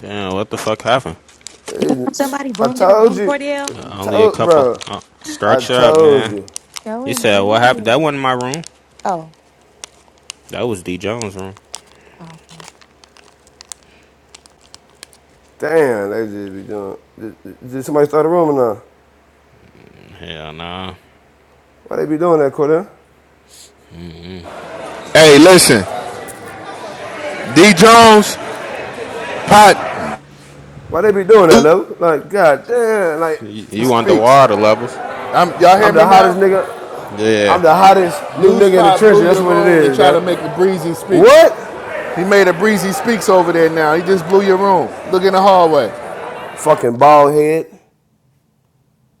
Damn, what the fuck happened? Damn, It- somebody I boomed your told room, you, Cordell. Uh, only a told couple. bro. Uh, I structure up, told man. you. No, He said, MG. what happened? That wasn't my room. Oh, That was D. Jones' room. oh. Damn, they just be doing. Did, did somebody start a rumor now? Hell nah. Why they be doing that, Cordell? Hey, listen, D Jones, pot Why they be doing that, Blue though? Like, god damn, like You, you speaks. underwater levels. I'm, y'all hear I'm the me hottest now? nigga. Yeah. I'm the hottest new Blue nigga in the Spot trenches. blew That's your what it room to is, try to guy. make a breezy speaks. What? He made a breezy speaks over there now. He just blew your room. Look in the hallway. Fucking bald head.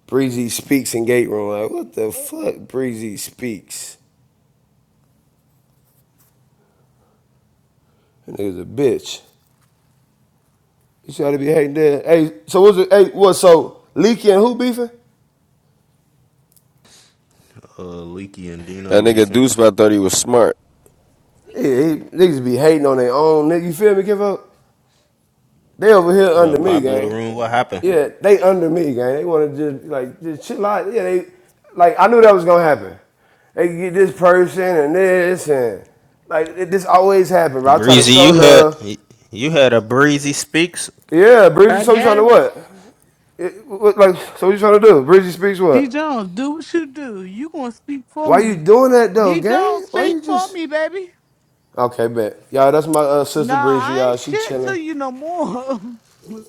Breezy speaks in gate room. Like, what the fuck? Breezy speaks. That nigga's a bitch. You should to be hating that. Hey, so what's it? Hey, what? So Leaky and who beefing? Uh, Leaky and Dino That nigga beefing. Deuce, I thought he was smart. Yeah, he, niggas be hating on their own. Nigga, you feel me? Give up. They over here under What, me, Pop blew the gang. room? What happened? Yeah, they under me, gang. They want to just like just chill out. Yeah, they like I knew that was gonna happen. They get this person and this and like it, this always happen. Bro, I try to Breezy, show you had, love. you had a Breezy Speaks? Yeah, Bridgie. I So you trying to guess. what? It- what- like so? What you trying to do? Bridgie speaks D what? Jones, do what you do. You gonna speak for Why you me. doing that though, D gang? Jones, Why speak you for just? me, baby. Okay, bet. Y'all, that's my uh, Nah, sister Breezy, I ain't y'all. She shit chilling. to you no more.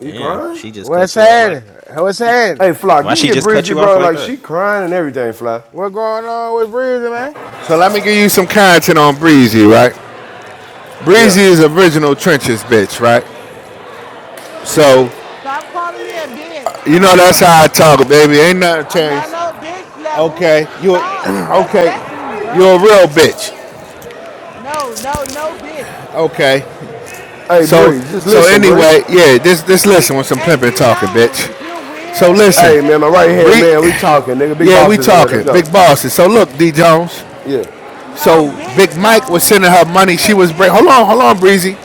You Damn, crying? she just What's cut you off like, happening? What's happening? Hey, Fly, can why you can she get just cut Breezy, you off bro? like Like, she that? crying and everything, Fly. What's going on with Breezy, man? So let me give you some content on Breezy, right? Breezy Yeah. is original trenches, bitch, right? So Stop calling me a bitch. you I'm know not no that's how I bitch talk, level. baby. Ain't nothing I'm changed. not no bitch levels. Okay, you Stop. okay? Respect me, You bro. a real bitch. No, no, no bitch. Okay. Hey, So Bree, just so listen, Bree. anyway, yeah, this this G listen with some A pimping D talking, bitch. Jones, you're So weird listen, and Hey, that's man, my right hand, cool. Bree, man, we talking, nigga. Big yeah, we bosses in here. Let's talking go. big bosses. So look, D Jones. Yeah. No, So bitch Big Mike was Jones. sending her money. He a She was break. bitch. Hold on, hold on, Breezy.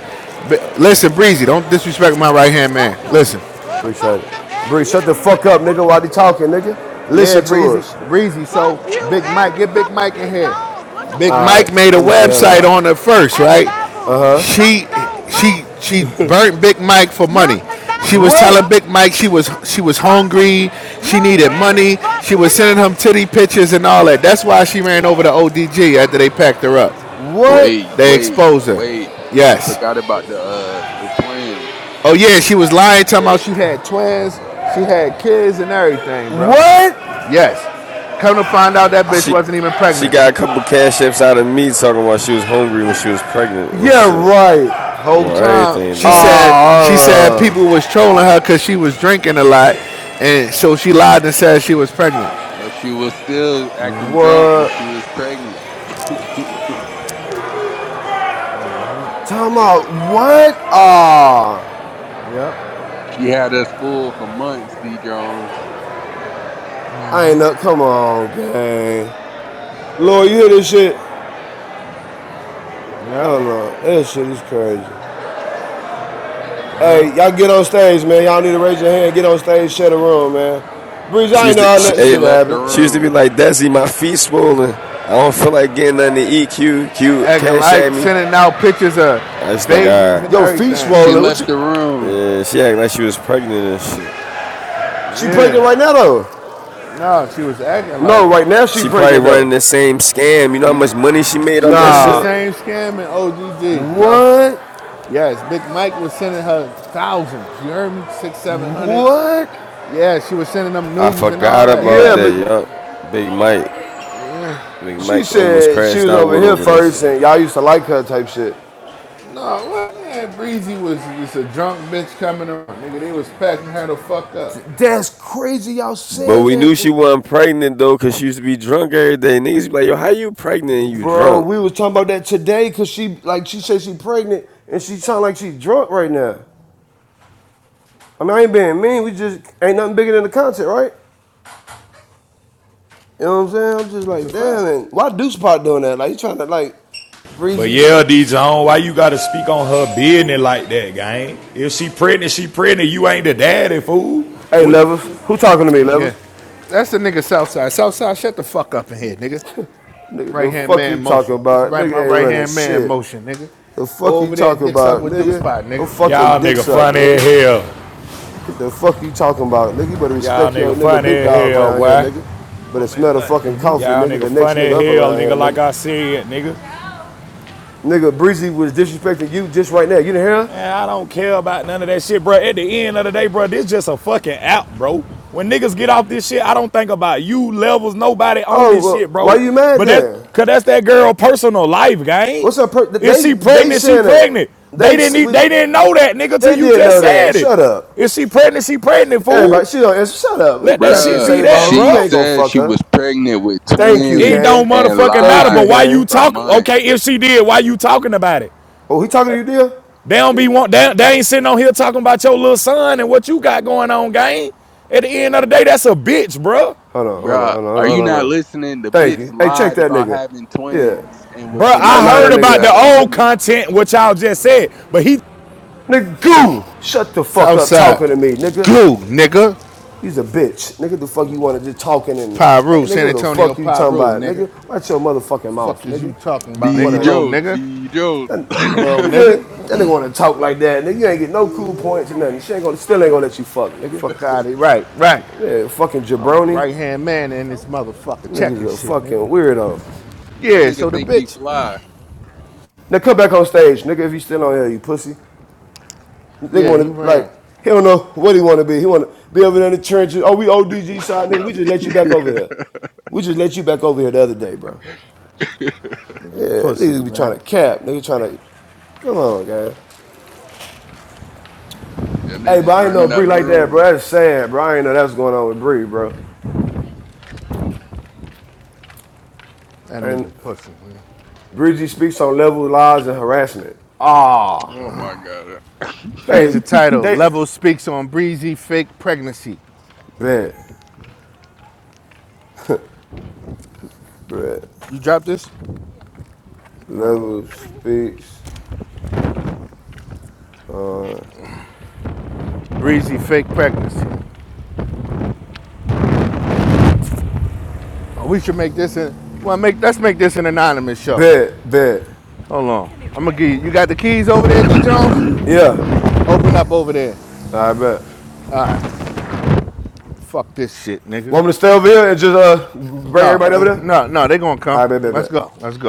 B- listen, Breezy, don't disrespect my right hand man. Fuck him. Listen, Uh, Appreciate fuck it. him and Bree, shut the you. What fuck the up, nigga, fuck? while they talking, nigga. Yeah, Listen to Breezy, us. Breezy. So Fuck you Big Mike, and get Big fucking Mike D in here. Jones. What the Big All fuck? right. Mike made a Let me see. Hold website on. on her first, Hey, right? levels. Y'all She don't move. she she burnt Big Mike for money. Y'all not She was gonna telling move What? Big Mike she D was she was Jones. hungry, she Yo, needed weird as money, fuck, she was nigga. sending him titty pictures and all that. That's why she ran over to ODG after they packed her up. What? Wait, They wait, exposed her. wait. You Yes. forgot about the uh the twins. Oh yeah, she was lying, talking about she had twins, she had kids and everything, bro. What? Yes. Come to find out that bitch She wasn't even she pregnant. got a couple cash apps out of me talking about she was hungry when she was pregnant and Yeah, shit. right. Whole Well, time everything, she dog. said she said Ah, uh, people was trolling her because she was drinking a lot, and so she lied and said she was pregnant. But she was still acting drunk when what? she was pregnant. Talking about what? Ah, Yep. she had us fooled for months, D Jones. I ain't know. Come on, gang. Lord, you hear this shit? I don't Yep. know. That shit is crazy. Hey, Yep. y'all get on stage, man. Y'all need to raise your hand. Get on stage. Share the room, man. Breeze, She I ain't used know to how Nah, she, that eh, she shit left the happened. she used to be room. like, Desi, my feet swollen. I don't feel like getting nothing to eat. Q Q Acting cash at like me. sending out pictures of I was like, all babies right. and Yo, feet everything. She swollen. What left you? the room. Yeah, she acting like she was pregnant and shit. She pregnant right Yeah. now, though. No, she was acting like No, right it. now she She probably pregnant running though. the same scam. You know how E- much money she made She off that running the Nah. shit? same scam in OGG, bro. What? Yes, Big Mike was sending her thousands. You heard me? Six, seven hundreds. What? Yeah, she was sending them I noobs and all forgot that. about Yeah, that, Yes. but yup. Big Mike. Big she Mike almost said she crashed was out over with here over that first, shit. and y'all used to like her type shit. No, what? man, Breezy was just a drunk bitch coming around. Nigga, they was packing her the fuck up. That's crazy y'all But saying we knew that. she And wasn't pregnant though, cause she used to be drunk every day. Niggas be like, yo, how you pregnant and you bro, drunk? we was talking about that today because she like she said she pregnant and she sound like she's drunk right now. I mean, I ain't being mean. We just ain't nothing bigger than the content, right? You know what I'm saying? I'm just That's a like, damn. fact. And why Deuce Pot doing that? Like, he trying to like But breezy. yeah, s- D s- Zone, why you gotta speak on her business like that, gang? If she pregnant, she pregnant. You ain't the daddy, fool. Hey, What? Levers, who talking to me, Levers? Yeah. That's the nigga Southside. Southside, shut the fuck up in here, nigga. Nigga, Right the hand fuck man you talking motion. This about? right my Nigga ain't right running hand man shit. motion, nigga. The Go fuck you over there and talking dick suck about, with Deuce nigga? Spot, No nigga. fucking Y'all dick nigga suck, funny as nigga. hell. The fuck you talking about, nigga? You better Y'all respect your nigga nigga funny big as dog hell, around here, boy. nigga. Better smell the fucking coffee, Y'all nigga. nigga The next funny as nigga up hell, around here, nigga. Like nigga. I said, nigga. Nigga, Breezy was disrespecting you just right now. You didn't hear her? Man, I don't care about none of that shit, bro. At the end of the day, bro, this just a fucking app, bro. When niggas get off this shit, I don't think about you levels, nobody on Oh, this shit, well, why bro. you mad But then? that, cause that's that girl personal life, gang. What's up? Per- If they she they pregnant, she saying that. pregnant. They They didn't, e- we, they didn't know that, nigga, till they you did just know that. said it. Shut up. If she pregnant, she pregnant, Everybody, fool. she don't answer. Shut Let up. that Captain shit be Bruh, Save a that, Hoe. she You bro. ain't gonna said fuck she her. was pregnant with Thank you, It twins don't gang. and motherfucking matter. Thank you, But lied why you gang. for talk? months. Okay, if she did, why you talking about it? Oh, he talking to you, dear? They don't be want they, they ain't sitting on here talking about your little son and what you got going on, gang. At the end of the day, that's a bitch, bro, Hold on, hold on, Bruh, hold on, hold are on, you hold not on. listening? The Thank bitch you. Hey, check lied that about nigga. having Yeah. twins and was bro. Somebody I line finessing heard that niggas about out the nigga. of old money. content, what y'all just said, but he Nigga, goo! Shut the fuck up Southside. talking to me, nigga. Goo, nigga. He's a bitch. Nigga, the fuck you want to just talking and. Hey, Pyru, nigga, San what the Antonio fuck you talking Pyru, about? nigga. Nigga, watch your motherfucking mouth, Fuck is you nigga. talking about, nigga? D Wanna. Little Jones, nigga. D Jones. That, Little that you feel nigga. it? that nigga wanna talk like that. Nigga, you ain't get no cool points or nothing. She ain't gonna. Still ain't gonna let you fuck, nigga. Fuck out of here. Right, right. Yeah, fucking jabroni. Right hand man in this motherfucker Nigga's checking a shit, fucking nigga. weirdo. Yeah, nigga so the think he bitch, fly, Now come back on stage, nigga, if you still on here, you pussy. They yeah, he want to like ran. he don't know what he want to be. He want to be over there in the trenches. Oh, we ODG side nigga. We just let you back over here. We just let you back over here the other day, bro. Yeah, Nigga, pussy, niggas be man. trying to cap. Nigga trying to come on, guys. and they Hey, but just I ain't know running out Bree the like that, room. bro. That's sad, bro. I ain't know that's going on with Bree, bro. That nigga And pussy, man. Breezy speaks on level lies and harassment. Ah, Oh my god. Change they the title. they Level speaks on breezy fake pregnancy. bet bet You drop this? level speaks. on Breezy fake pregnancy. Oh, we should make this in. Well, make let's make this an anonymous show. bet bet Hold on. I'm gonna give you. You got the keys over there, D Jones? yeah. Open up over there. I bet. Fuck this shit, nigga. Want me to stay over here and just uh bring No, everybody over there? no, no. They gonna All right, come. bet, bet, Let's bet. go. Let's go.